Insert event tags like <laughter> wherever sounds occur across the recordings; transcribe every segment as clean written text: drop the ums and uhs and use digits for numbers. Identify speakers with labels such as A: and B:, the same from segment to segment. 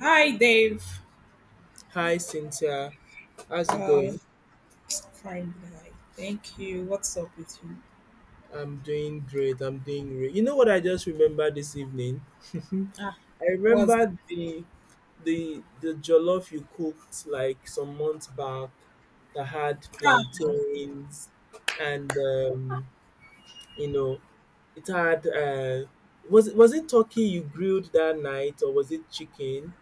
A: Hi, Dave.
B: Hi, Cynthia. How's it
A: Uh,
B: going?
A: fine, guy. Thank you. What's up with you?
B: I'm doing great. I'm doing great. You know what I just remembered this evening? <laughs>
A: Ah,
B: I
A: what's the
B: remember the jollof you cooked like some months back that had
A: ah,
B: plantains and You know, it had was it turkey you grilled that night or was it chicken?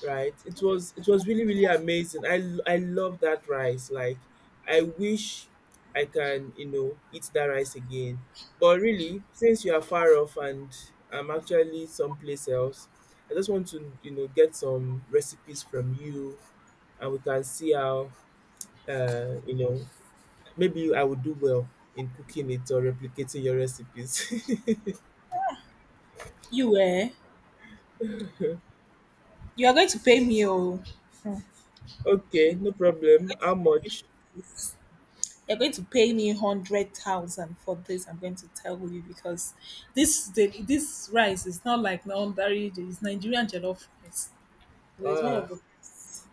B: Right? It was really really amazing. I love that rice. Like I wish I can eat that rice again. But really, since you are far off and I'm actually someplace else, I just want to get some recipes from you, and we can see how uh, you know maybe I would do well in cooking it or replicating your recipes. <laughs>
A: you were. You are going to pay me, oh. Hmm.
B: Okay, no
A: You're
B: problem.
A: going to
B: How
A: pay me
B: much?
A: for this. You're going to pay me 100,000 for this. I'm going to tell you because this rice is not like non ordinary. It's Nigerian jollof rice. It's one
B: Ah,
A: of the best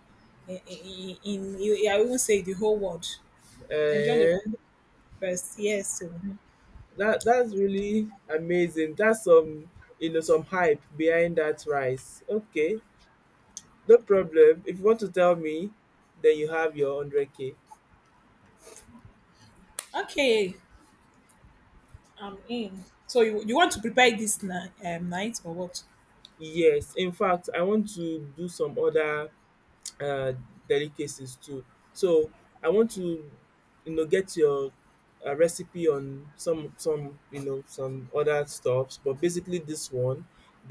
A: in I won't say the whole world. Nigerian jollof
B: eh,
A: rice. Yes. So
B: that's really amazing. That's some you know some hype behind that rice. Okay, no problem. If you want to tell me, then you have your 100k.
A: okay. I'm in. So you want to prepare this night or what?
B: Yes, in fact, I want to do some other uh, delicacies too. So I want to, get your recipe on some you know some other stuffs, but basically this one.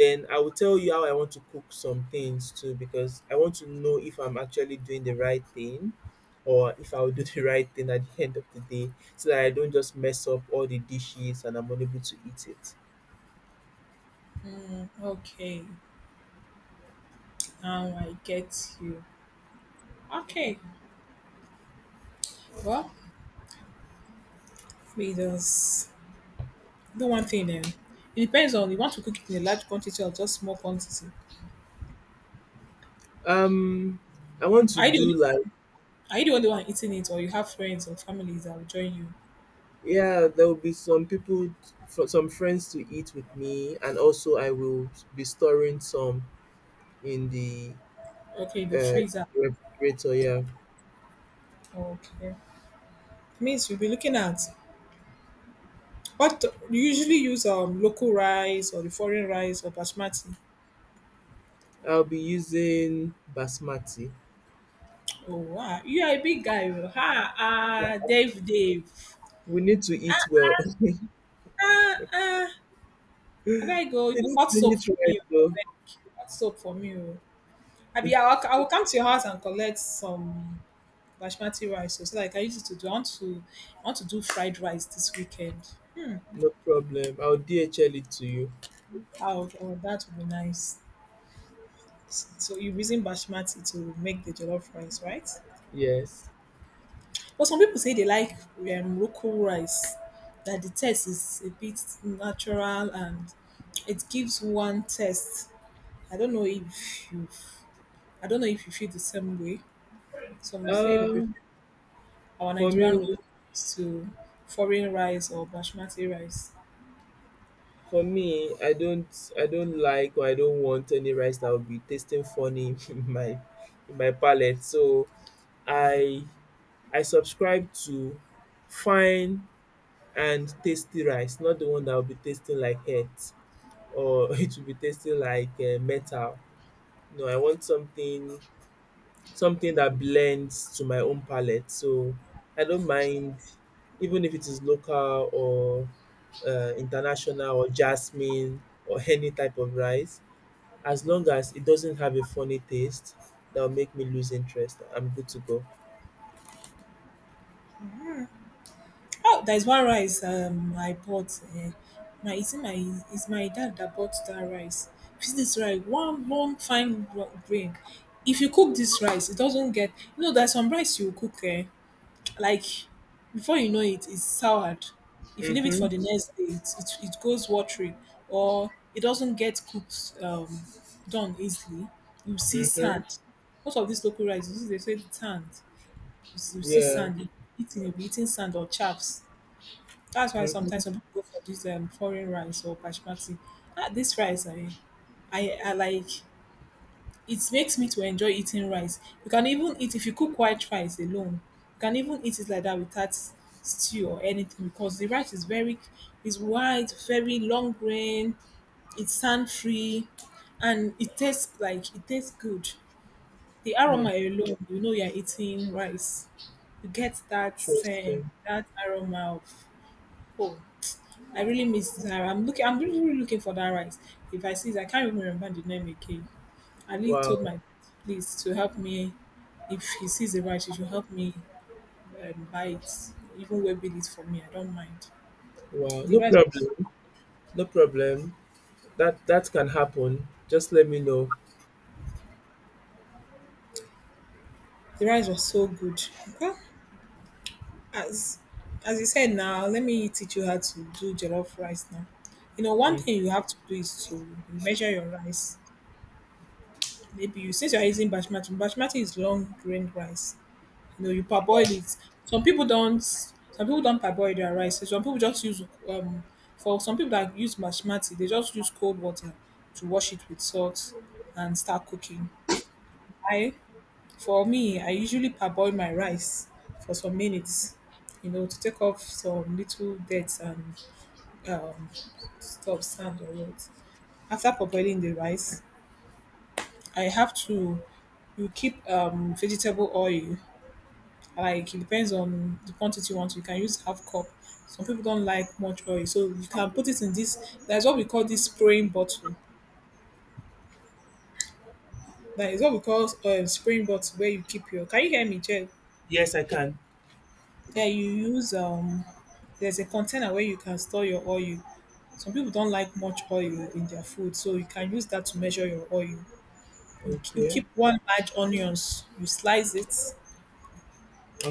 B: Then I will tell you how I want to cook some things too, because I want to know if I'm actually doing the right thing, or if I will do <laughs> the right thing at the end of the day, so that I don't just mess up all the dishes and I'm unable to eat it.
A: Okay, now I get you. Okay, well, we just do one thing then. It depends on you want to cook it in a large quantity or just small quantity.
B: Um, I want to
A: Are you the
B: do
A: only
B: like.
A: are you the only one eating it, or you have friends or families that will join you?
B: Yeah, there will be some people, some friends to eat with me, and also I will be storing some in the
A: Okay, the
B: uh,
A: freezer.
B: refrigerator. Yeah,
A: Okay, means you'll be looking at what you usually use local rice or the foreign rice or basmati.
B: I'll be using basmati.
A: Oh wow, you are a big guy, oh. Ah, ah, Dave, Dave.
B: We need to eat well. <laughs> We
A: Ah, ah. Abeg go, you go
B: need
A: cut
B: to
A: soap
B: eat
A: for
B: right,
A: me, oh.
B: though.
A: Abeg, cut soap for me, oh. Abi, I will come to your house and collect some basmati rice, oh. So like I used to do, I want to do fried rice this weekend.
B: No problem. I'll DHL it to you.
A: Oh, oh that would be nice. So you're using basmati to make the jollof rice, right?
B: Yes.
A: But some people say they like local rice. That the taste is a bit natural and it gives one test. I don't know if you, I don't know if you feel the same way. Some say they
B: Um,
A: prefer our
B: for
A: Nigerian
B: me,
A: rope to foreign rice or basmati rice.
B: for me, I don't like, or I don't want any rice that will be tasting funny <laughs> in my palate. So I I subscribe to fine and tasty rice, not the one that will be tasting like earth, or <laughs> it will be tasting like metal. No, I want something that blends to my own palate. So I don't mind, even if it is local or international or jasmine or any type of rice, as long as it doesn't have a funny taste that will make me lose interest, I'm good to go.
A: Oh, there's one rice I bought. My it's my dad that bought that rice. This is rice, one one fine grain. If you cook this rice, it doesn't get. You know, there's some rice you cook. Eh, like before you know it it's soured if you leave it
B: Mm-hmm.
A: for the next day it goes watery or it doesn't get cooked, done easily, you see
B: Mm-hmm.
A: sand. Most of these local rice you see, they say sand, you see
B: Yeah.
A: sand. You eating, you'll be eating sand or chaffs. That's why
B: Mm-hmm.
A: sometimes some people go for this foreign rice or basmati. Ah, this rice I like. It makes me to enjoy eating rice. You can even eat if you cook white rice alone. You can even eat it like that without stew or anything because the rice is very is white, very long grain, it's sand free, and it tastes good. The
B: Mm.
A: aroma alone, you know you're eating rice. You get that scent,
B: Interesting.
A: that aroma of oh, I really miss Zara. I'm really, really looking for that rice. If I see it, I can't even remember the name again. Ali
B: Wow,
A: told my place to help me, if he sees the rice, he should help me buy it, even web it for me. I don't mind.
B: wow.
A: The
B: No
A: rice,
B: problem. No problem. That can happen. Just let me know.
A: the rice was so good. Okay, as as you said now, let me teach you how to do jollof rice now. You know, one
B: Mm.
A: thing you have to do is to measure your rice. Maybe you, since you're using basmati, basmati is long grain rice. You know, you parboil it. Some people don't. Some people don't parboil their rice. Some people just use for some people that use mashmati, they just use cold water to wash it with salt and start cooking. I for me, I usually parboil my rice for some minutes, you know, to take off some little dirt and um stuff, sand or what. After parboiling the rice, I have to you keep vegetable oil, like it depends on the quantity you want. You can use half cup. Some people don't like much oil, so you can put it in this. That's what we call this spraying bottle. That is what we call spraying bottle where you keep your. Can you hear me, Jeff?
B: Yes, I can.
A: Yeah, you use There's a container where you can store your oil. Some people don't like much oil in their food, so you can use that to measure your oil. You
B: Okay.
A: keep one large onions. You slice it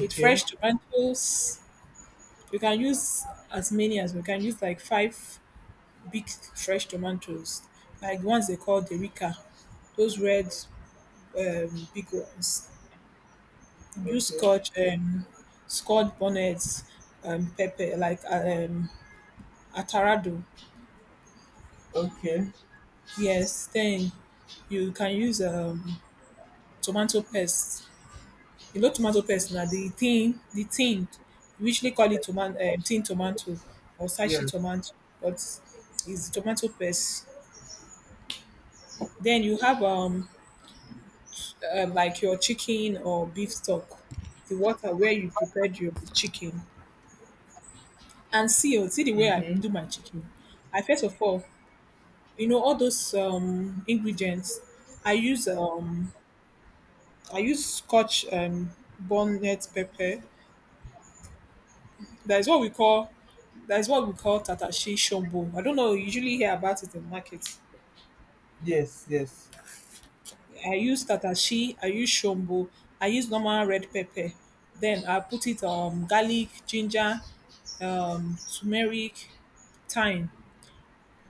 A: with fresh tomatoes. You can use as many as we can use, like five big fresh tomatoes, like the ones they call the Rica, those red, big ones. Use
B: Okay.
A: scotch bonnets, pepper like atarado.
B: Okay.
A: Yes, then you can use tomato paste. You know tomato paste now, the thin, the tin. We usually call it tomato, tin tomato or
B: Yeah.
A: sashi tomato, but it's tomato paste. Then you have like your chicken or beef stock, the water where you prepared your chicken. And see, oh, see the way I
B: Mhm.
A: do my chicken. I first of all, you know, all those ingredients. I use um, I use Scotch bonnet pepper. That is what we call tatashi shombo. I don't know. You usually hear about it in market.
B: Yes, yes.
A: I use tatashi, I use shombo, I use normal red pepper. Then I put it garlic, ginger, turmeric, thyme.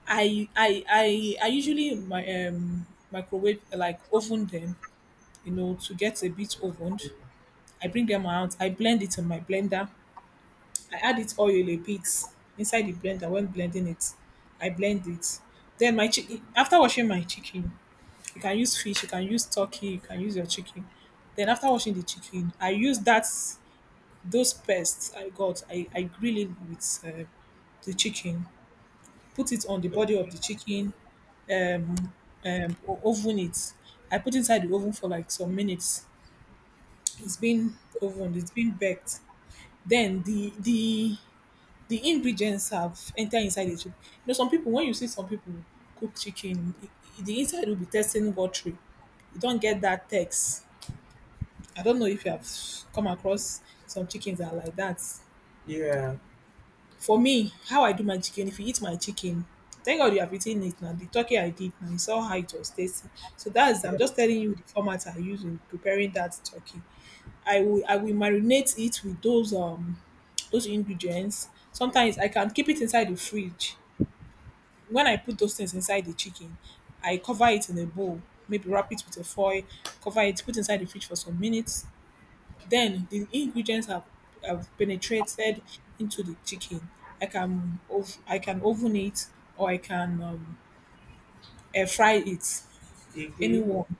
A: I usually my microwave like oven them, you know, to get a bit ovened. I bring them out, I blend it in my blender. I add it oil a bit inside the blender when blending it. I blend it. Then my chicken, after washing my chicken, you can use fish, you can use turkey, you can use your chicken. Then after washing the chicken, I use that, those pests I got. I grill it with the chicken, put it on the body of the chicken, um, oven it. I put inside the oven for like some minutes. It's been ovened, it's been baked. Then the ingredients have entered inside the chicken. You know, some people when you see some people cook chicken, the inside will be tasting watery. You don't get that taste. I don't know if you have come across some chickens that are like that.
B: Yeah.
A: For me, how I do my chicken, if you eat my chicken, thank God you have eaten it now. The turkey I did now, you saw how it was tasty. So that's
B: Yeah.
A: I'm just telling you the format I use in preparing that turkey. I will marinate it with those ingredients. Sometimes I can keep it inside the fridge. When I put those things inside the chicken, I cover it in a bowl, maybe wrap it with a foil, cover it, put inside the fridge for some minutes. Then the ingredients have penetrated into the chicken. I can oven it or I can, air fry it.
B: Mhm.
A: Anyone.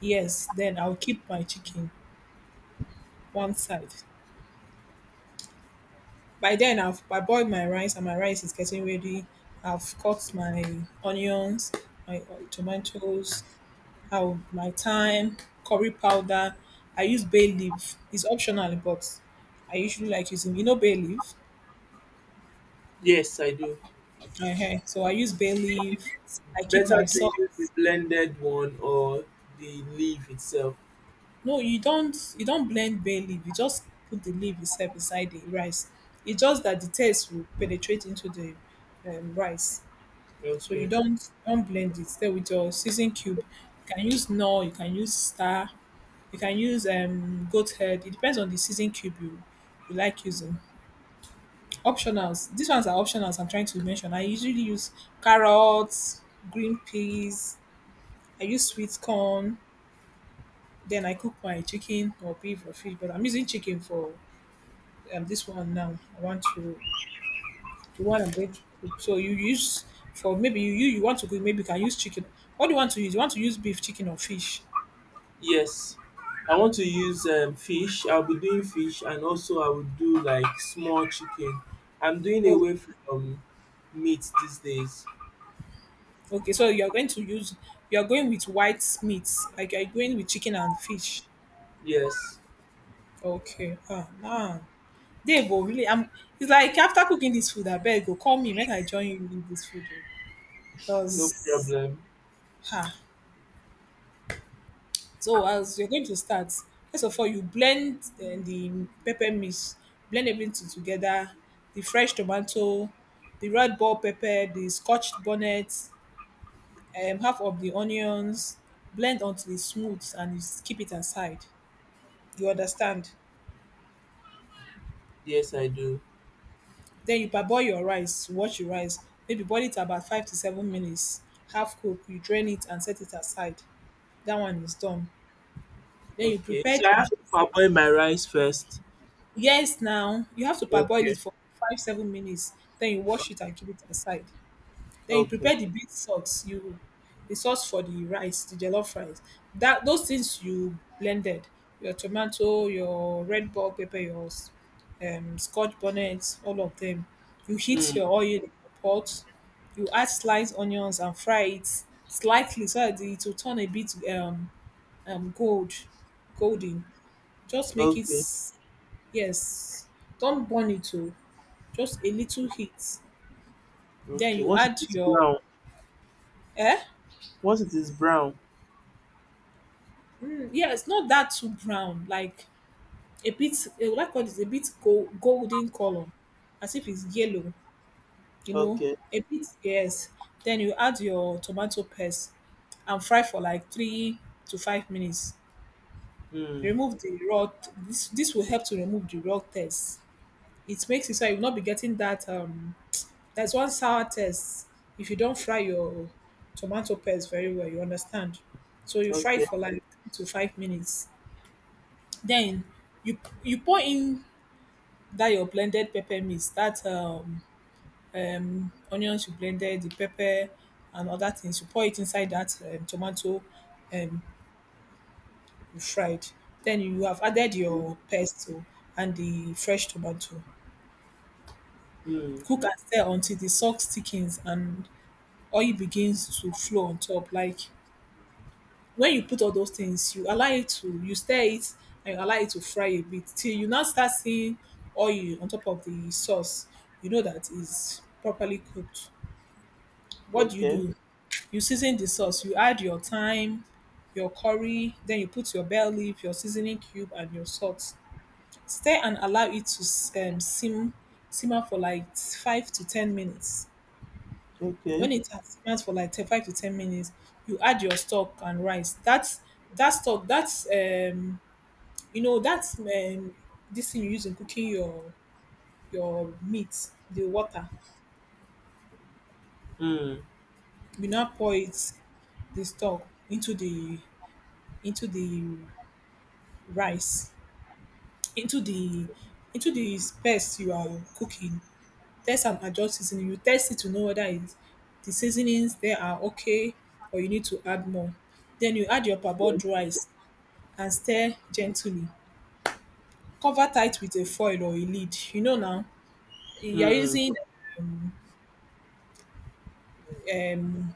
A: Yes. Then I'll keep my chicken one side. By then I boiled my rice and my rice is getting ready. I've cut my onions, tomatoes, how my thyme, curry powder. I use bay leaf. It's optional, but I usually like using you know bay leaf.
B: Yes, I do.
A: So I use bay leaf.
B: It's
A: I keep
B: better
A: my
B: to use the
A: socks.
B: blended one, or the leaf itself.
A: No, you don't. You don't blend bay leaf. You just put the leaf itself inside the rice. It's just that the taste will penetrate into the rice. So you
B: Okay.
A: don't blend it. Then with your season cube, you can use no. You can use star. You can use goat head. It depends on the season cube you like using. Optionals. These ones are optionals. I'm trying to mention. I usually use carrots, green peas. I use sweet corn. Then I cook my chicken or beef or fish, but I'm using chicken for, this one now. I want to the one I'm going to cook. So you use for maybe you want to cook, maybe you can use chicken. What do you want to use? You want to use beef, chicken, or fish?
B: Yes, I want to use fish. I'll be doing fish, and also I will do like small chicken. I'm doing
A: Oh,
B: away from meat these days.
A: okay. So you're going to use, you're going with white meats, like you're going with chicken and fish.
B: Yes,
A: Okay. Ah, nah. They go really. I'm. It's like after cooking this food, I beg go call me, make I join you in this food, oh.
B: no
A: Because,
B: problem.
A: ha, so as you're going to start, first of all, you blend the pepper mix, blend everything together, the fresh tomato, the red ball pepper, the scorched bonnet, half of the onions, blend until it's smooth and keep it aside. You understand?
B: Yes, I do.
A: Then you parboil your rice, wash your rice, maybe boil it about 5 to 7 minutes, half cook, you drain it and set it aside. That one is done. Then you
B: Okay,
A: prepare
B: so I have
A: the...
B: to parboil my rice first.
A: Yes, now you have to parboil
B: Okay,
A: it for 5-7 minutes. Then you wash it and keep it aside. Then you
B: okay,
A: prepare the bean sauce. You... the sauce for the rice, the jollof rice. That those things you blended, your tomato, your red bell pepper, your s- scotch bonnet, all of them. You heat
B: mm,
A: your oil in the pot. You add sliced onions and fry it slightly so that it will turn a bit um gold, golden. Just make it...
B: okay,
A: Yes, don't burn it too, just a little heat. Then
B: okay.
A: you
B: Once it
A: add
B: is
A: your...
B: brown,
A: eh?
B: once it is brown,
A: Mm, yes, not that too brown, like a bit, eh, like what I a bit go golden color, as if it's yellow, you know,
B: okay,
A: a bit, yes. Then you add your tomato paste and fry for like 3 to 5 minutes.
B: mm,
A: Remove the raw t- this will help to remove the raw taste. It makes it so you will not be getting that, um... there's one sour test. If you don't fry your tomato paste very well, you understand? So you fry it
B: okay,
A: for like 2 to 5 minutes. Then you you pour in that your blended pepper mix, that onions you blended, the pepper and other things. You pour it inside that tomato um you fried. Then you have added your pesto and the fresh tomato.
B: mm,
A: Cook and stir until the sauce thickens and oil begins to flow on top. Like when you put all those things, you allow it to, you stir it and you allow it to fry a bit till you now start seeing oil on top of the sauce. You know that is properly cooked. What
B: okay,
A: do? You season the sauce. You add your thyme, your curry, then you put your bell leaf, your seasoning cube, and your salt. Stir and allow it to simmer for like 5 to 10 minutes.
B: okay,
A: When it has simmered for like 5 to 10 minutes, you add your stock and rice. That's that stock, that's you know, that's um, this thing you use in cooking your meat, the water.
B: mm,
A: You now pour it, the stock, into the rice, into the into the space you are cooking. Test and adjust seasoning. You test it to know whether it's... the seasonings there are okay or you need to add more. Then you add your parboiled rice and stir gently. Cover tight with a foil or a lid. You know now, you are
B: mm,
A: using um,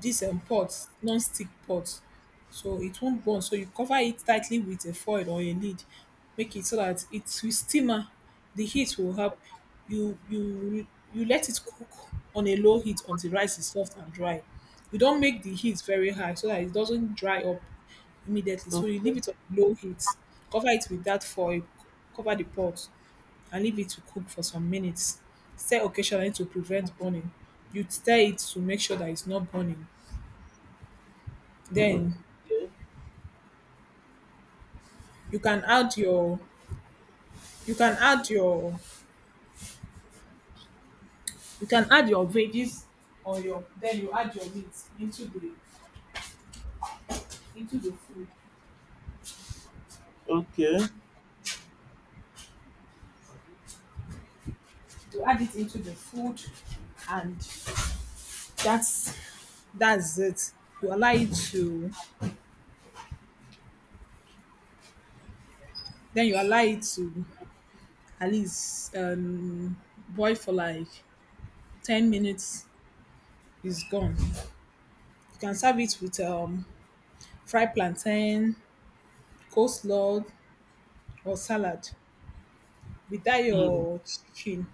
A: this pot, non-stick pot, so it won't burn. So you cover it tightly with a foil or a lid. Make it so that it will simmer. The heat will help. You you let it cook on a low heat until rice is soft and dry. You don't make the heat very high so that it doesn't dry up immediately. So
B: okay.
A: you leave
B: Okay.
A: it on low heat. Cover it with that foil. Cover the pot and leave it to cook for some minutes. Stir occasionally to prevent burning. You stir it to make sure that it's not burning. Then you can add your you can add your you can add your veggies, or your... then you add your meat into the food.
B: Okay.
A: You add it into the food, and that's it. You allow it to... then you allow it to at least, um, boil for like 10 minutes. It's gone. You can serve it with, um, fry plantain, coleslaw, or salad. Without
B: Mm.
A: your chicken...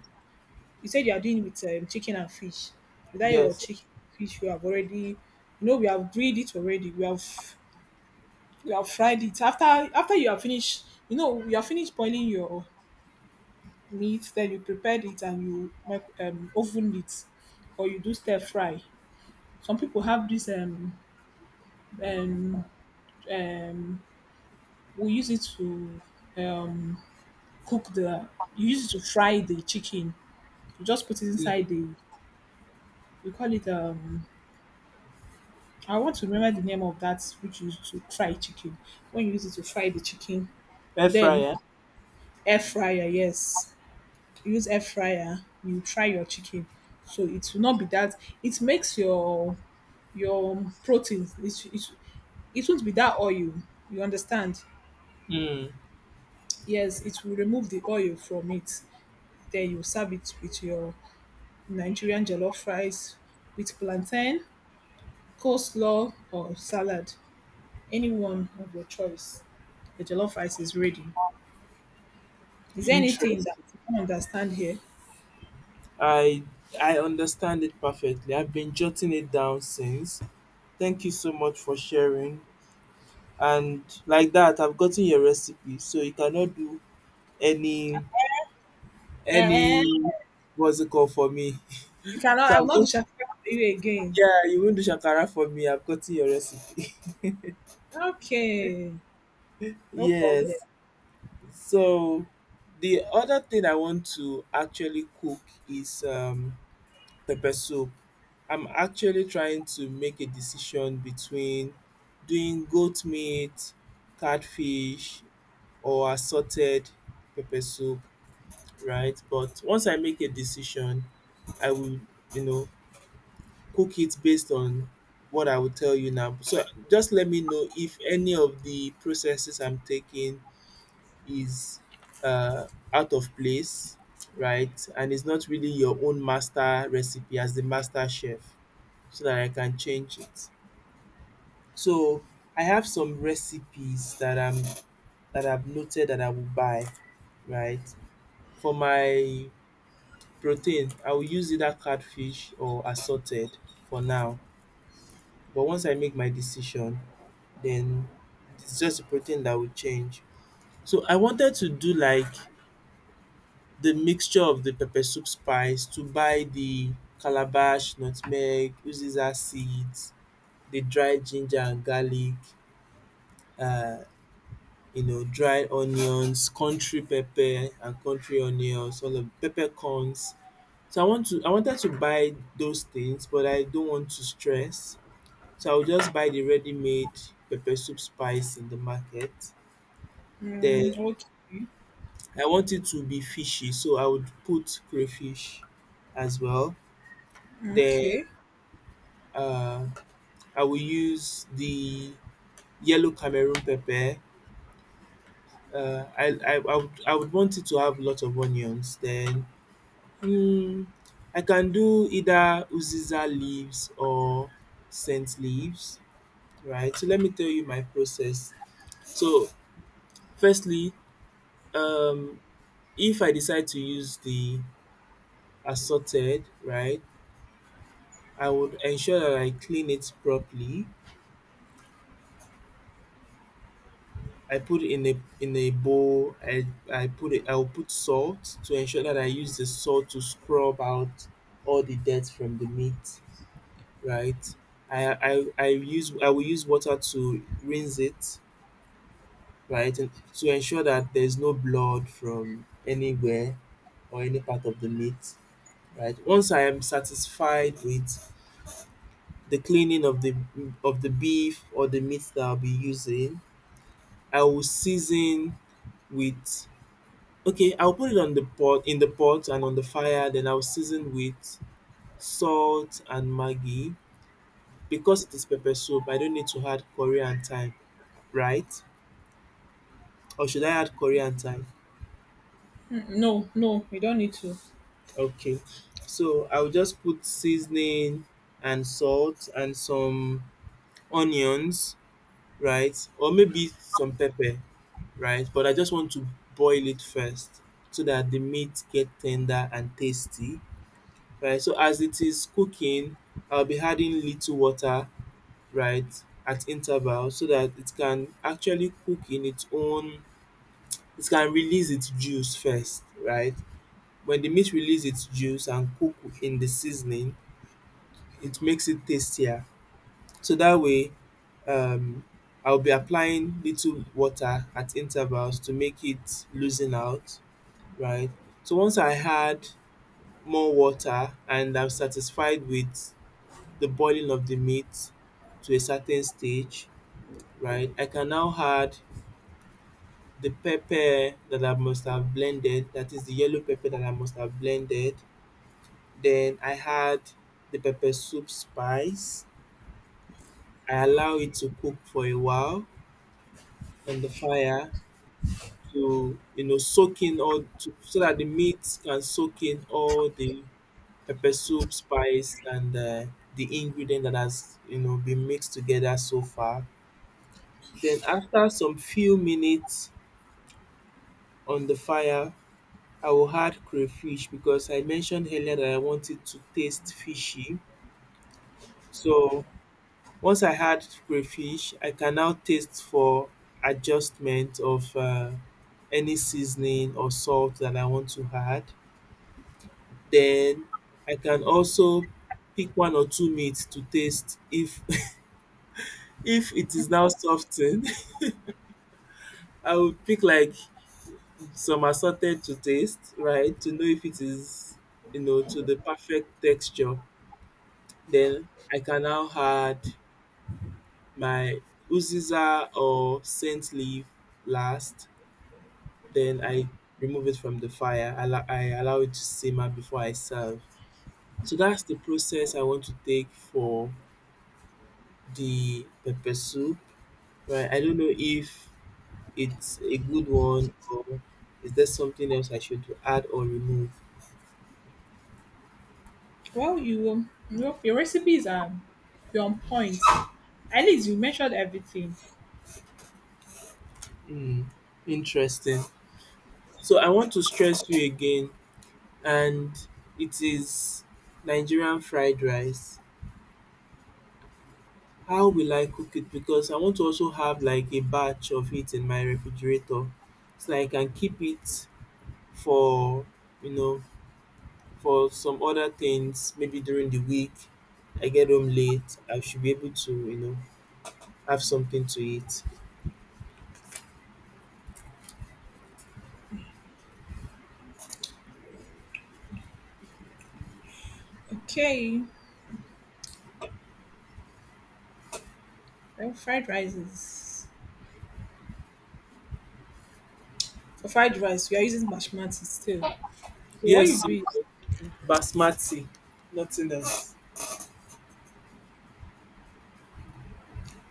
A: You said you are doing with, um, chicken and fish. Without your
B: Yes.
A: chicken and fish, you have already, you know, we have grilled it already, we have fried it. After you have finished, you know, you have finished boiling your meat. Then you prepared it and you mic, um, oven it, or you do stir fry. Some people have this um um, we use it to, um, cook the... you use it to fry the chicken. You just put it inside the... we call it, um... I want to remember the name of that which you use to fry chicken. When you use it to fry the chicken,
B: Air
A: then...
B: fryer.
A: air fryer, yes. You use air fryer, you fry your chicken. So it will not be that... it makes your protein, it won't be that oil. You understand?
B: Mm.
A: Yes, it will remove the oil from it. Then you serve it with your Nigerian jollof rice with plantain, coleslaw, or salad. Any one of your choice. The jollof rice is ready. Is there anything that
B: Interesting.
A: you don't understand here?
B: I I understand it perfectly. I've been jotting it down since. Thank you so much for sharing. And like that, I've gotten your recipe, so you cannot do any
A: Eh,
B: any what's it called for me.
A: you
B: <laughs>
A: cannot.
B: so
A: I
B: I'm
A: will not do
B: just
A: shakara for you again.
B: Yeah, you won't do shakara for me. I've gotten your recipe. <laughs>
A: Okay, no problem.
B: Yes. So the other thing I want to actually cook is pepper soup. I'm actually trying to make a decision between doing goat meat, catfish, or assorted pepper soup, right? But once I make a decision, I will, you know, cook it based on what I will tell you now. So just let me know if any of the processes I'm taking is uh out of place, right? And it's not really your own master recipe, as the master chef, so that I can change it. So I have some recipes that I've noted that I will buy, right? For my protein, I will use either catfish or assorted, for now. But once I make my decision, then it's just the protein that will change. So I wanted to do like the mixture of the pepper soup spice, to buy the calabash, nutmeg, uziza seeds, the dried ginger and garlic, uh dried onions, country pepper and country onions, all of peppercorns. So I wanted to buy those things, but I don't want to stress. So I will just buy the ready made pepper soup spice in the market. Then
A: Mm, okay,
B: I want it to be fishy, so I would put crayfish as well. Then
A: okay.
B: uh, I will use the yellow Cameroon pepper. I would want it to have a lot of onions. Then Mm, I can do either uziza leaves or scent leaves, right? So let me tell you my process. So firstly, um, if I decide to use the assorted, right, I would ensure that I clean it properly. I put in a bowl. I put it. I'll put salt to ensure that I use the salt to scrub out all the dirt from the meat, right? I will use water to rinse it, right? And to ensure that there's no blood from anywhere, or any part of the meat, right? Once I am satisfied with the cleaning of the beef, or the meat that I'll be using, I will season with okay, I'll put it on the pot in the pot and on the fire, then I'll season with salt and maggi. Because it is pepper soup, I don't need to add curry and thyme, right? Or should I add Korean and—
A: Mm, no, no, you don't need to.
B: Okay. So I will just put seasoning and salt and some onions, right? Or maybe some pepper, right? But I just want to boil it first, so that the meat get tender and tasty, right? So as it is cooking, I'll be adding little water, right, at intervals, so that it can actually cook in its own, it can release its juice first, right? When the meat release its juice and cook in the seasoning, it makes it tastier. So that way, um, I'll be applying little water at intervals to make it loosen out, right? So once I add more water, and I'm satisfied with the boiling of the meat to a certain stage, right? I can now add the pepper that I must have blended, that is the yellow pepper that I must have blended. Then I add the pepper soup spice. I allow it to cook for a while on the fire, to soak in all, to, so that the meat can soak in all the pepper soup spice, and the ingredient that has been mixed together so far. Then after some few minutes on the fire, I will add crayfish, because I mentioned earlier that I want it to taste fishy. So once I had crayfish, I can now taste for adjustment of any seasoning or salt that I want to add. Then I can also pick one or two meats to taste, if <laughs> if it is now softened. <laughs> I would pick like some assorted to taste, right? To know if it is, to the perfect texture. Then I can now add my uziza or scent leaf last. Then I remove it from the fire. I allow it to simmer before I serve. So that's the process I want to take for the pepper soup. Right? I don't know if it's a good one, or is there something else I should add or remove?
A: Well, you, your recipes are... you're on point. At least you measured everything.
B: Hmm, interesting. So I want to stress you again, and it is Nigerian fried rice. How will I cook it? Because I want to also have like a batch of it in my refrigerator, so I can keep it for you know for some other things, maybe during the week. I get home late, I should be able to, have something to eat.
A: Okay, well, fried rice is... for fried rice you are using basmati still, so what you
B: Yes, o,
A: do is...
B: basmati, nothing else.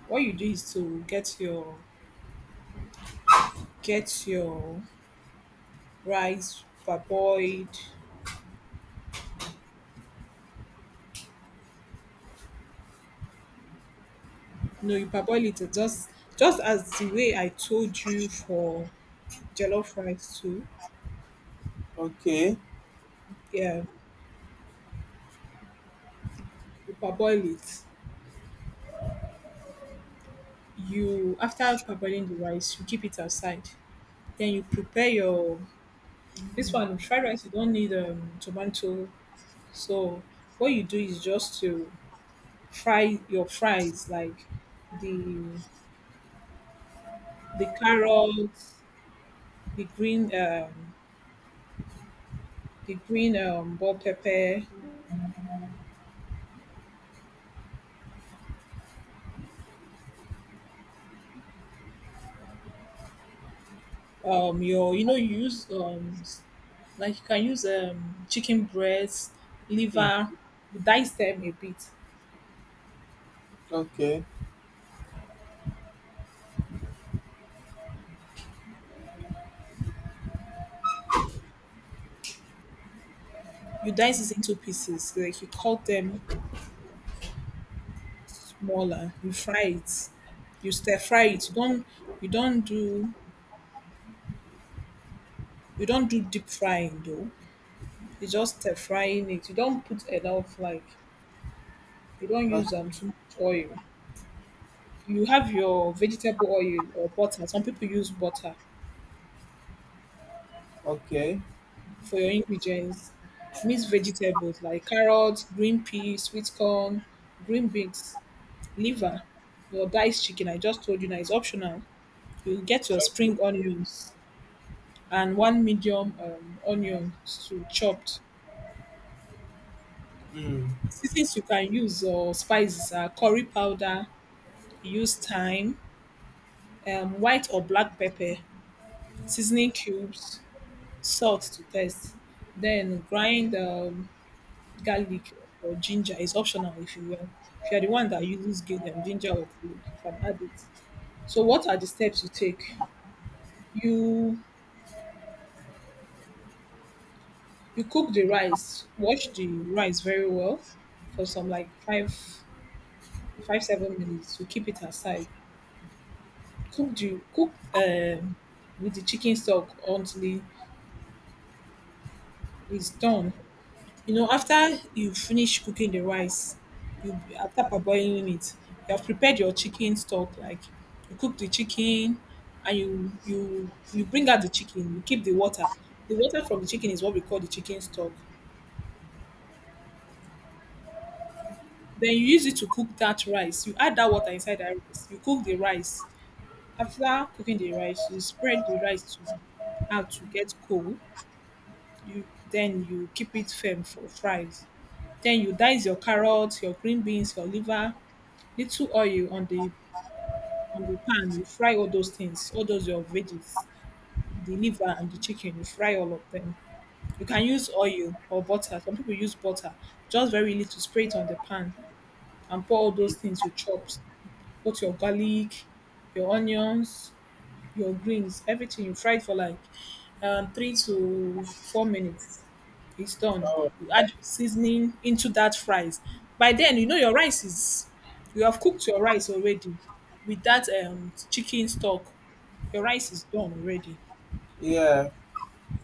A: what you do is to get your get your rice parboiled. No, you parboil it just as the way I told you for jollof rice too.
B: Okay.
A: Yeah, you parboil it. You, after parboiling the rice, you keep it outside. Then you prepare your... this one, fried rice, you don't need, um, tomato. So what you do is just to fry your fries, like the carrots, the green, um, the green bell pepper, um, your, you know, you use, um, s- like you can use, um, chicken breasts,
B: Mm,
A: liver, you dice them a bit.
B: okay.
A: You dice it into pieces, like you cut them smaller, you fry it. You stir fry it. You don't do you don't do deep frying though. You just stir frying it. You don't put enough, like... you don't
B: O,
A: use, um, too much oil. You have your vegetable oil or butter. Some people use butter
B: okay.
A: for your ingredients. Mix vegetables like carrots, green peas, sweet corn, green beans, liver, or diced chicken. I just told you now it's optional. You get your spring onions and one medium, onion to chopped.
B: Mm.
A: Seasons you can use, or spices, are curry powder, you use thyme, white or black pepper, seasoning cubes, salt to taste. Then grind, garlic or ginger is optional, if you will. If you are the one that uses ginger or garlic, you can add it. So what are the steps you take? You you cook the rice. Wash the rice very well for some, like, 5-5-7 minutes. You keep it aside. Cook the cook with the chicken stock until it- it's done. You know, after you finish cooking the rice, you, after parboiling it, you have prepared your chicken stock. Like, you cook the chicken, and you bring out the chicken. You keep the water. The water from the chicken is what we call the chicken stock. Then you use it to cook that rice. You add that water inside that rice. You cook the rice. After cooking the rice, you spread the rice to out to get cold. You then you keep it firm for fries. Then you dice your carrots, your green beans, your liver, little oil on the pan. You fry all those things, all those your veggies, the liver and the chicken. You fry all of them. You can use oil or butter. Some people use butter, just very little. Spray it on the pan and pour all those things you chopped. Put your garlic, your onions, your greens, everything. You fry it for like, 3 to 4 minutes. It's done.
B: Oh,
A: You add your seasoning into that fries. By then, you know, your rice is... you have cooked your rice already with that, um, chicken stock. Your rice is done already.
B: yeah.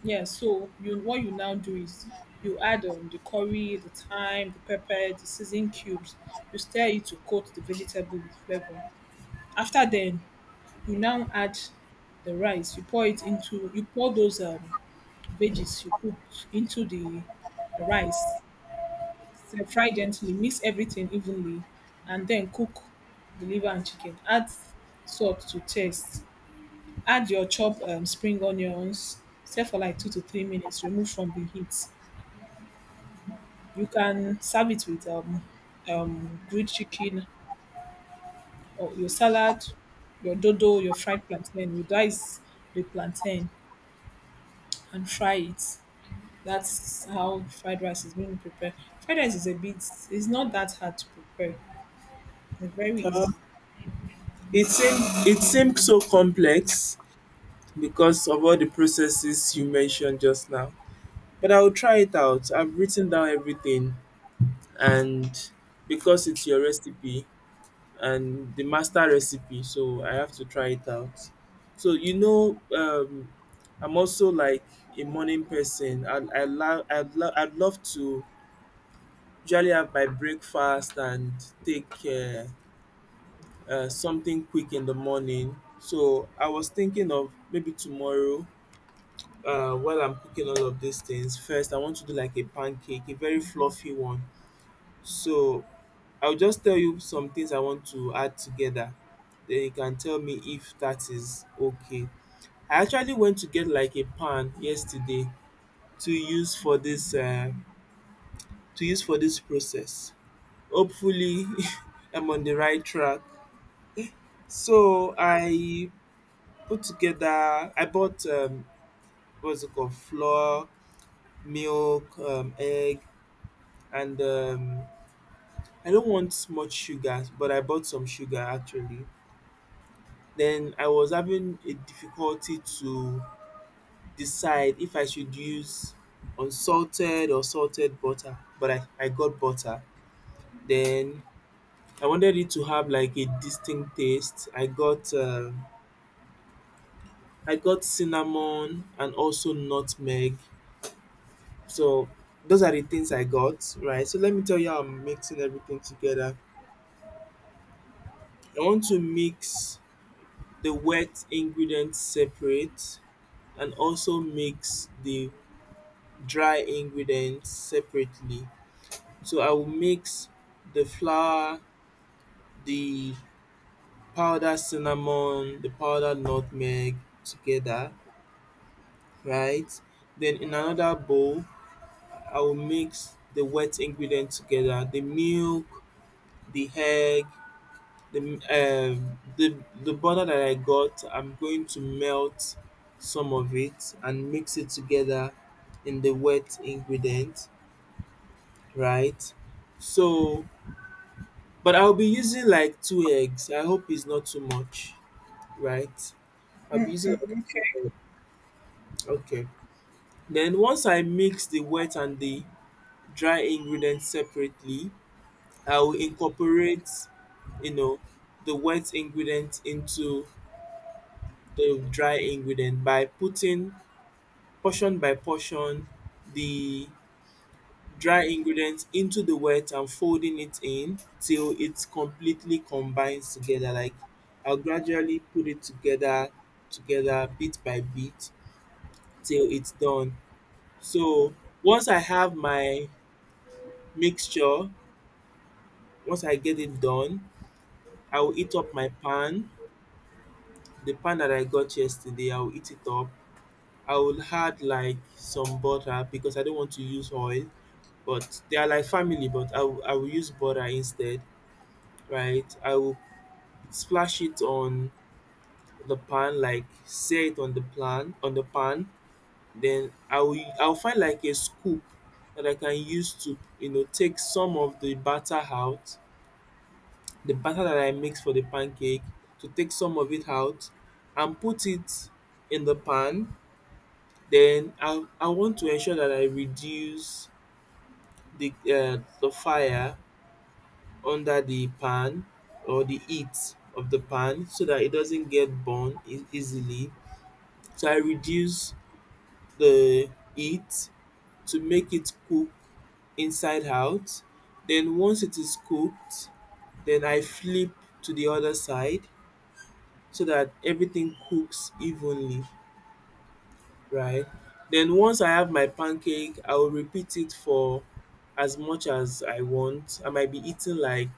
A: Yeah, so you what you now do is you add, um, the curry, the thyme, the pepper, the seasoning cubes. You stir it to coat the vegetable with flavor. After then, you now add the rice. You pour it into... you pour those, um, veggies you cooked into the rice. So fry gently, mix everything evenly, and then cook the liver and chicken. Add salt to taste. Add your chopped, spring onions. Stay for like 2 to 3 minutes. Remove from the heat. You can serve it with, grilled chicken or your salad, your dodo, your fried plantain. You dice the plantain and fry it. That's how fried rice is being prepared. Fried rice is a bit... it's not that hard to prepare. It's very
B: Uh,
A: easy.
B: it seems so complex. Because of all the processes you mentioned just now. But I will try it out. I've written down everything, and because it's your recipe, and the master recipe, so I have to try it out. So I'm also like a morning person. I'd love to usually have my breakfast and take something quick in the morning. So I was thinking of maybe tomorrow, while I'm cooking all of these things, first I want to do like a pancake, a very fluffy one. So I'll just tell you some things I want to add together. Then you can tell me if that is okay. I actually went to get like a pan yesterday to use for this to use for this process. Hopefully, <laughs> I'm on the right track. So I put together. I bought what's it called? Flour, milk, egg, and I don't want much sugar, but I bought some sugar actually. Then I was having a difficulty to decide if I should use unsalted or salted butter, but I got butter. Then I wanted it to have like a distinct taste. I got cinnamon and also nutmeg. So those are the things I got, right? So let me tell you how I'm mixing everything together. I want to mix the wet ingredients separate and also mix the dry ingredients separately. So I will mix the flour, the powdered cinnamon, the powdered nutmeg together, right? Then in another bowl, I will mix the wet ingredient together, the milk, the egg, the the butter that I got. I'm going to melt some of it and mix it together in the wet ingredient, right? So, but I'll be using like two eggs. I hope it's not too much, right? I'll be using like two eggs. Okay. Then once I mix the wet and the dry ingredients separately, I will incorporate, you know, the wet ingredient into the dry ingredient by putting portion by portion the dry ingredient into the wet and folding it in till it completely combines together. Like I'll gradually put it together bit by bit till it's done. So once I have my mixture, once I get it done, I will eat up my pan. The pan that I got yesterday, I will eat it up. I will add like some butter because I don't want to use oil, but they are like family, but I will use butter instead, right? I will splash it on the pan, like say it on the pan, on the pan. Then I'll find like a scoop that I can use to take some of the batter out, the batter that I mix for the pancake, to take some of it out and put it in the pan. Then I want to ensure that I reduce the fire under the pan or the heat of the pan so that it doesn't get burned easily. So I reduce the heat to make it cook inside out. Then once it is cooked, then I flip to the other side so that everything cooks evenly, right? Then once I have my pancake, I will repeat it for as much as I want. I might be eating like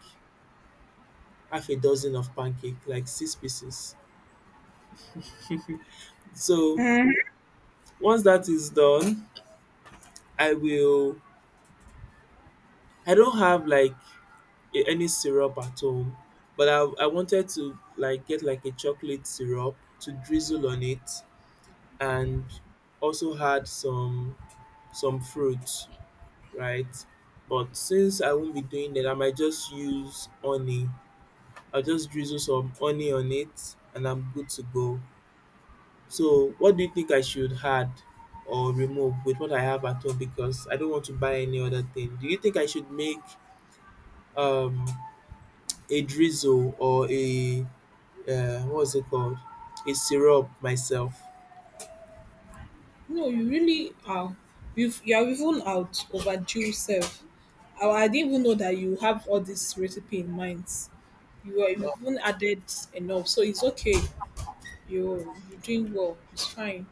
B: half a dozen of pancake, like six pieces. So once that is done, I will. I don't have like any syrup at home, but I wanted to like get like a chocolate syrup to drizzle on it, and also had some fruit, right? But since I won't be doing that, I might just use honey. I'll just drizzle some honey on it, and I'm good to go. So what do you think I should add or remove with what I have at home, because I don't want to buy any other thing? Do you think I should make um, a drizzle or a what's it called? A syrup myself?
A: No, you really are. You've, you're even out overdue, self. I didn't even know that you have all this recipe in mind. You are,
B: Oh,
A: you've even added enough, so it's okay. You're doing well. It's fine.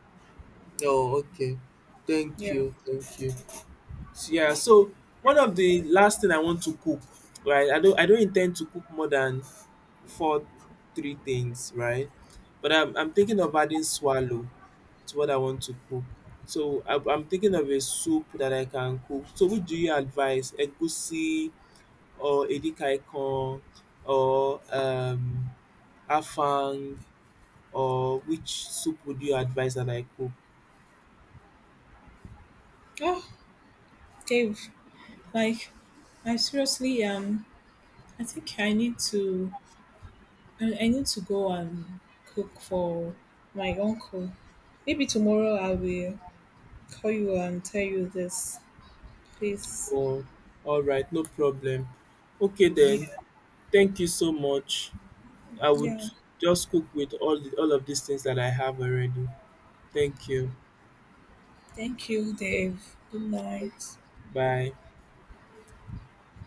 B: no, okay. Thank
A: Yeah.
B: you, thank you. So, yeah, so one of the last thing I want to cook, right? I don't intend to cook more than four, three things, right? But I'm thinking of adding swallow to what I want to cook. So I'm thinking of a soup that I can cook. So which do you advise? Egusi or edikaikong or afang or which soup would you advise that I cook?
A: Oh, Dave. Like, I seriously, um, I think I need to... I need to go and cook for my uncle. Maybe tomorrow I will call you and tell you this. Please.
B: Oh, all right, no problem. Okay
A: Yeah.
B: then. Thank you so much. I would
A: Yeah.
B: just cook with all of these things that I have already. Thank you.
A: Thank you, Dave. Good night.
B: Bye.